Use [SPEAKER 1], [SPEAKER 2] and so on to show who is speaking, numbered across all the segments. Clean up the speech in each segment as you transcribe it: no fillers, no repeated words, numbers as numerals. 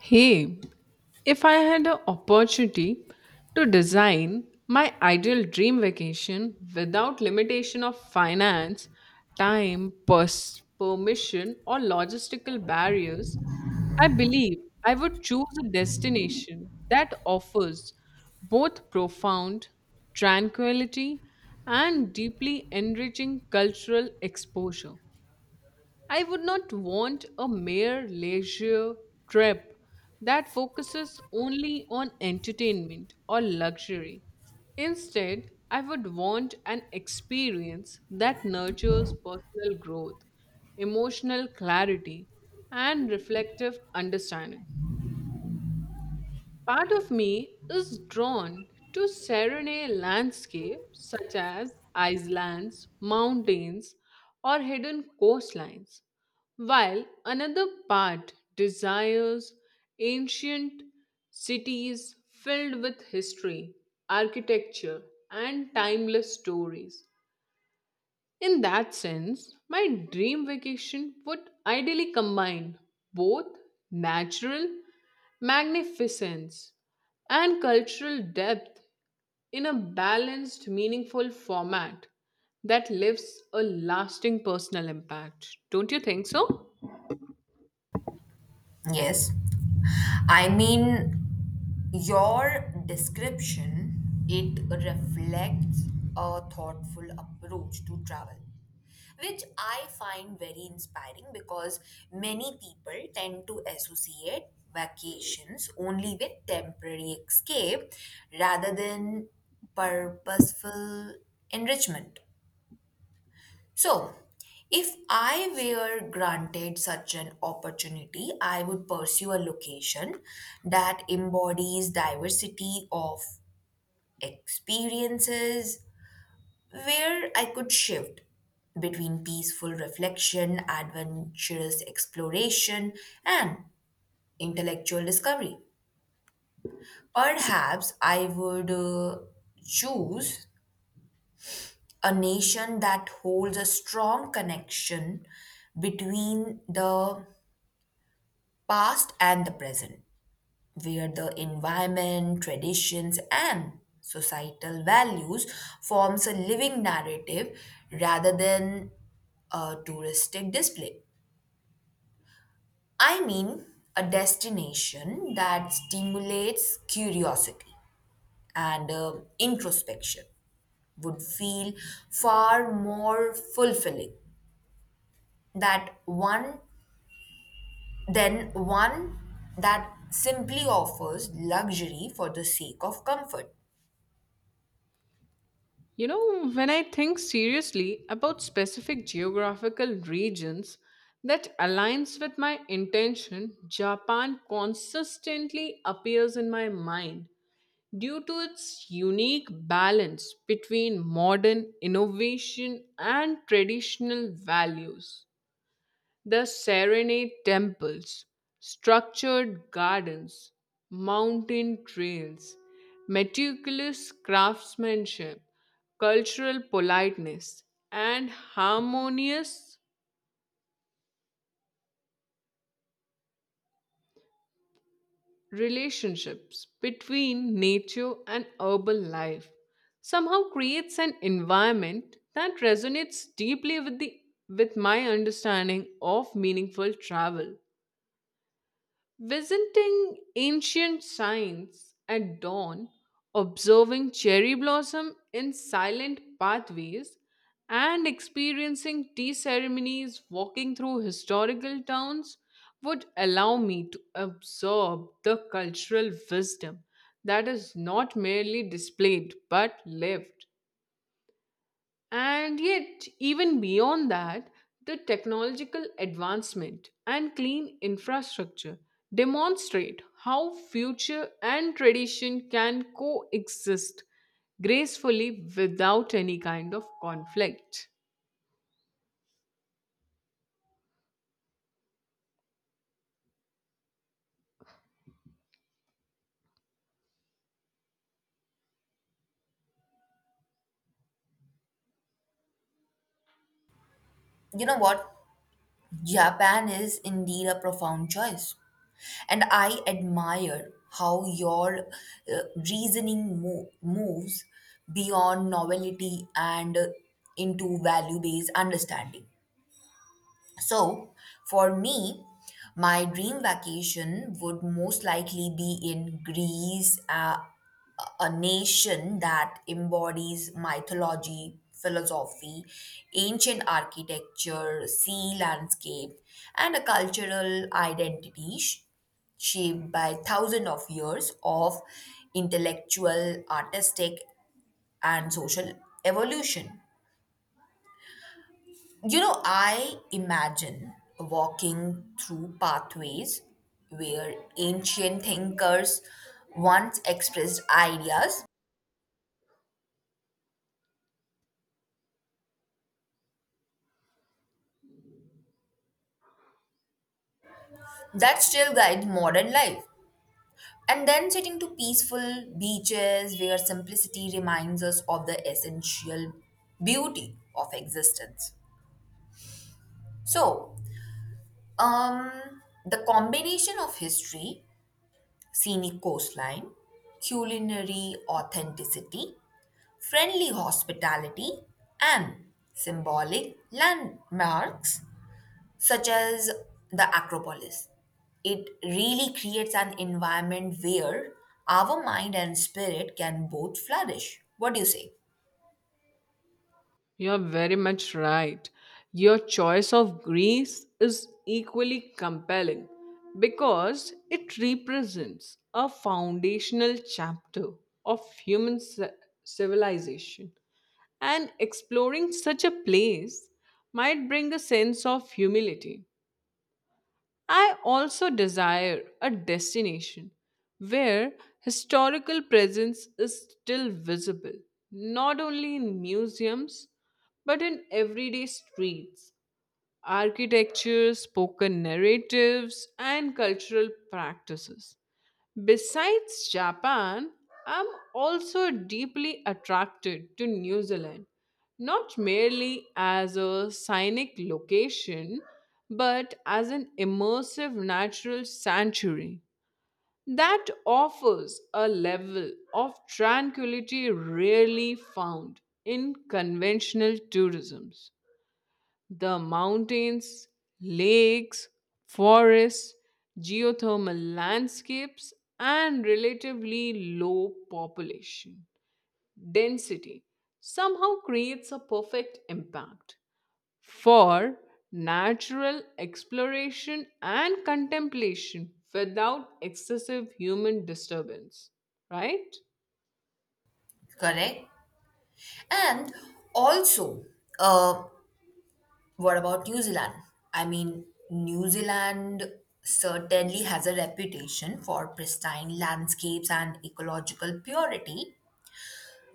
[SPEAKER 1] Hey, if I had an opportunity to design my ideal dream vacation without limitation of finance, time, permission, or logistical barriers, I believe I would choose a destination that offers both profound tranquility and deeply enriching cultural exposure. I would not want a mere leisure trip that focuses only on entertainment or luxury. Instead, I would want an experience that nurtures personal growth, emotional clarity, and reflective understanding. Part of me is drawn to serene landscapes such as islands, mountains, or hidden coastlines, while another part desires ancient cities filled with history, architecture, and timeless stories. In that sense, my dream vacation would ideally combine both natural magnificence and cultural depth in a balanced, meaningful format that leaves a lasting personal impact. Don't you think so?
[SPEAKER 2] Yes. I mean, your description, it reflects a thoughtful approach to travel, which I find very inspiring because many people tend to associate vacations only with temporary escape rather than purposeful enrichment. So, if I were granted such an opportunity, I would pursue a location that embodies diversity of experiences where I could shift between peaceful reflection, adventurous exploration, and intellectual discovery. Perhaps I would choose a nation that holds a strong connection between the past and the present, where the environment, traditions, and societal values forms a living narrative rather than a touristic display. I mean, a destination that stimulates curiosity and introspection would feel far more fulfilling that one than one that simply offers luxury for the sake of comfort.
[SPEAKER 1] You know, when I think seriously about specific geographical regions that aligns with my intention, Japan consistently appears in my mind due to its unique balance between modern innovation and traditional values. The serenade temples, structured gardens, mountain trails, meticulous craftsmanship, cultural politeness, and harmonious relationships between nature and urban life somehow creates an environment that resonates deeply with the with my understanding of meaningful travel. Visiting ancient shrines at dawn, observing cherry blossom in silent pathways, and experiencing tea ceremonies walking through historical towns would allow me to absorb the cultural wisdom that is not merely displayed but lived. And yet, even beyond that, the technological advancement and clean infrastructure demonstrate how future and tradition can coexist gracefully without any kind of conflict.
[SPEAKER 2] You know what? Japan is indeed a profound choice. And I admire how your reasoning moves beyond novelty and into value based understanding. So, for me, my dream vacation would most likely be in Greece, a nation that embodies mythology, philosophy, ancient architecture, sea landscape, and a cultural identity shaped by thousands of years of intellectual, artistic, and social evolution. You know, I imagine walking through pathways where ancient thinkers once expressed ideas that still guide modern life, and then sitting to peaceful beaches where simplicity reminds us of the essential beauty of existence. So, um, the combination of history, scenic coastline, culinary authenticity, friendly hospitality and symbolic landmarks such as the Acropolis. It really creates an environment where our mind and spirit can both flourish. What do you say?
[SPEAKER 1] You're very much right. Your choice of Greece is equally compelling because it represents a foundational chapter of human civilization, and exploring such a place might bring a sense of humility. I also desire a destination where historical presence is still visible, not only in museums but in everyday streets, architecture, spoken narratives, and cultural practices. Besides Japan, I'm also deeply attracted to New Zealand, not merely as a scenic location, but as an immersive natural sanctuary that offers a level of tranquility rarely found in conventional tourism. The mountains, lakes, forests, geothermal landscapes, and relatively low population density somehow creates a perfect impact for natural exploration and contemplation without excessive human disturbance, right?
[SPEAKER 2] Correct. And also, uh, what about New Zealand? I mean, New Zealand certainly has a reputation for pristine landscapes and ecological purity,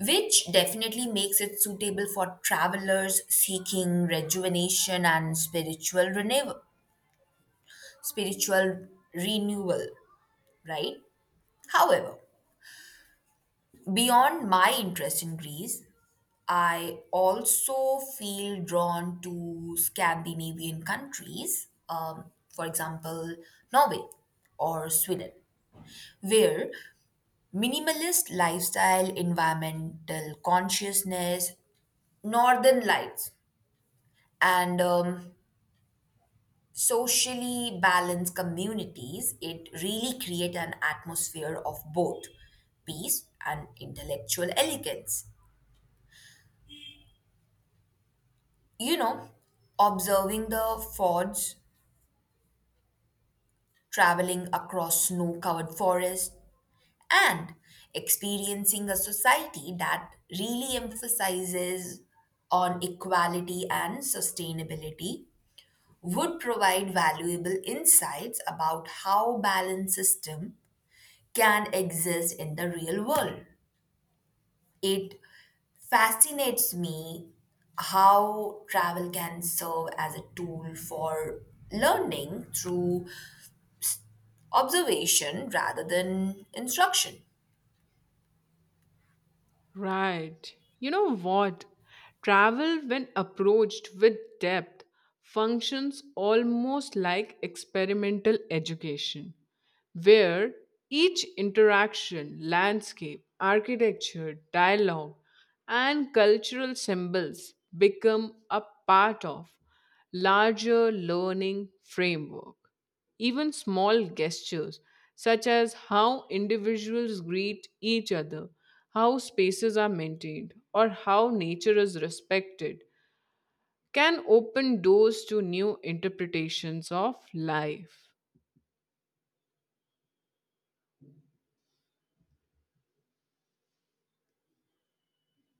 [SPEAKER 2] which definitely makes it suitable for travelers seeking rejuvenation and spiritual renewal. Right. However, beyond my interest in Greece, I also feel drawn to Scandinavian countries, for example, Norway or Sweden, where minimalist lifestyle, environmental consciousness, northern lights, and socially balanced communities, it really create an atmosphere of both peace and intellectual elegance. You know, observing the fords, traveling across snow-covered forest, and experiencing a society that really emphasizes on equality and sustainability would provide valuable insights about how balance system can exist in the real world. It fascinates me how travel can serve as a tool for learning through observation rather than instruction.
[SPEAKER 1] Right. You know what? Travel, when approached with depth, functions almost like experimental education where each interaction, landscape, architecture, dialogue, and cultural symbols become a part of larger learning framework. Even small gestures, such as how individuals greet each other, how spaces are maintained, or how nature is respected, can open doors to new interpretations of life.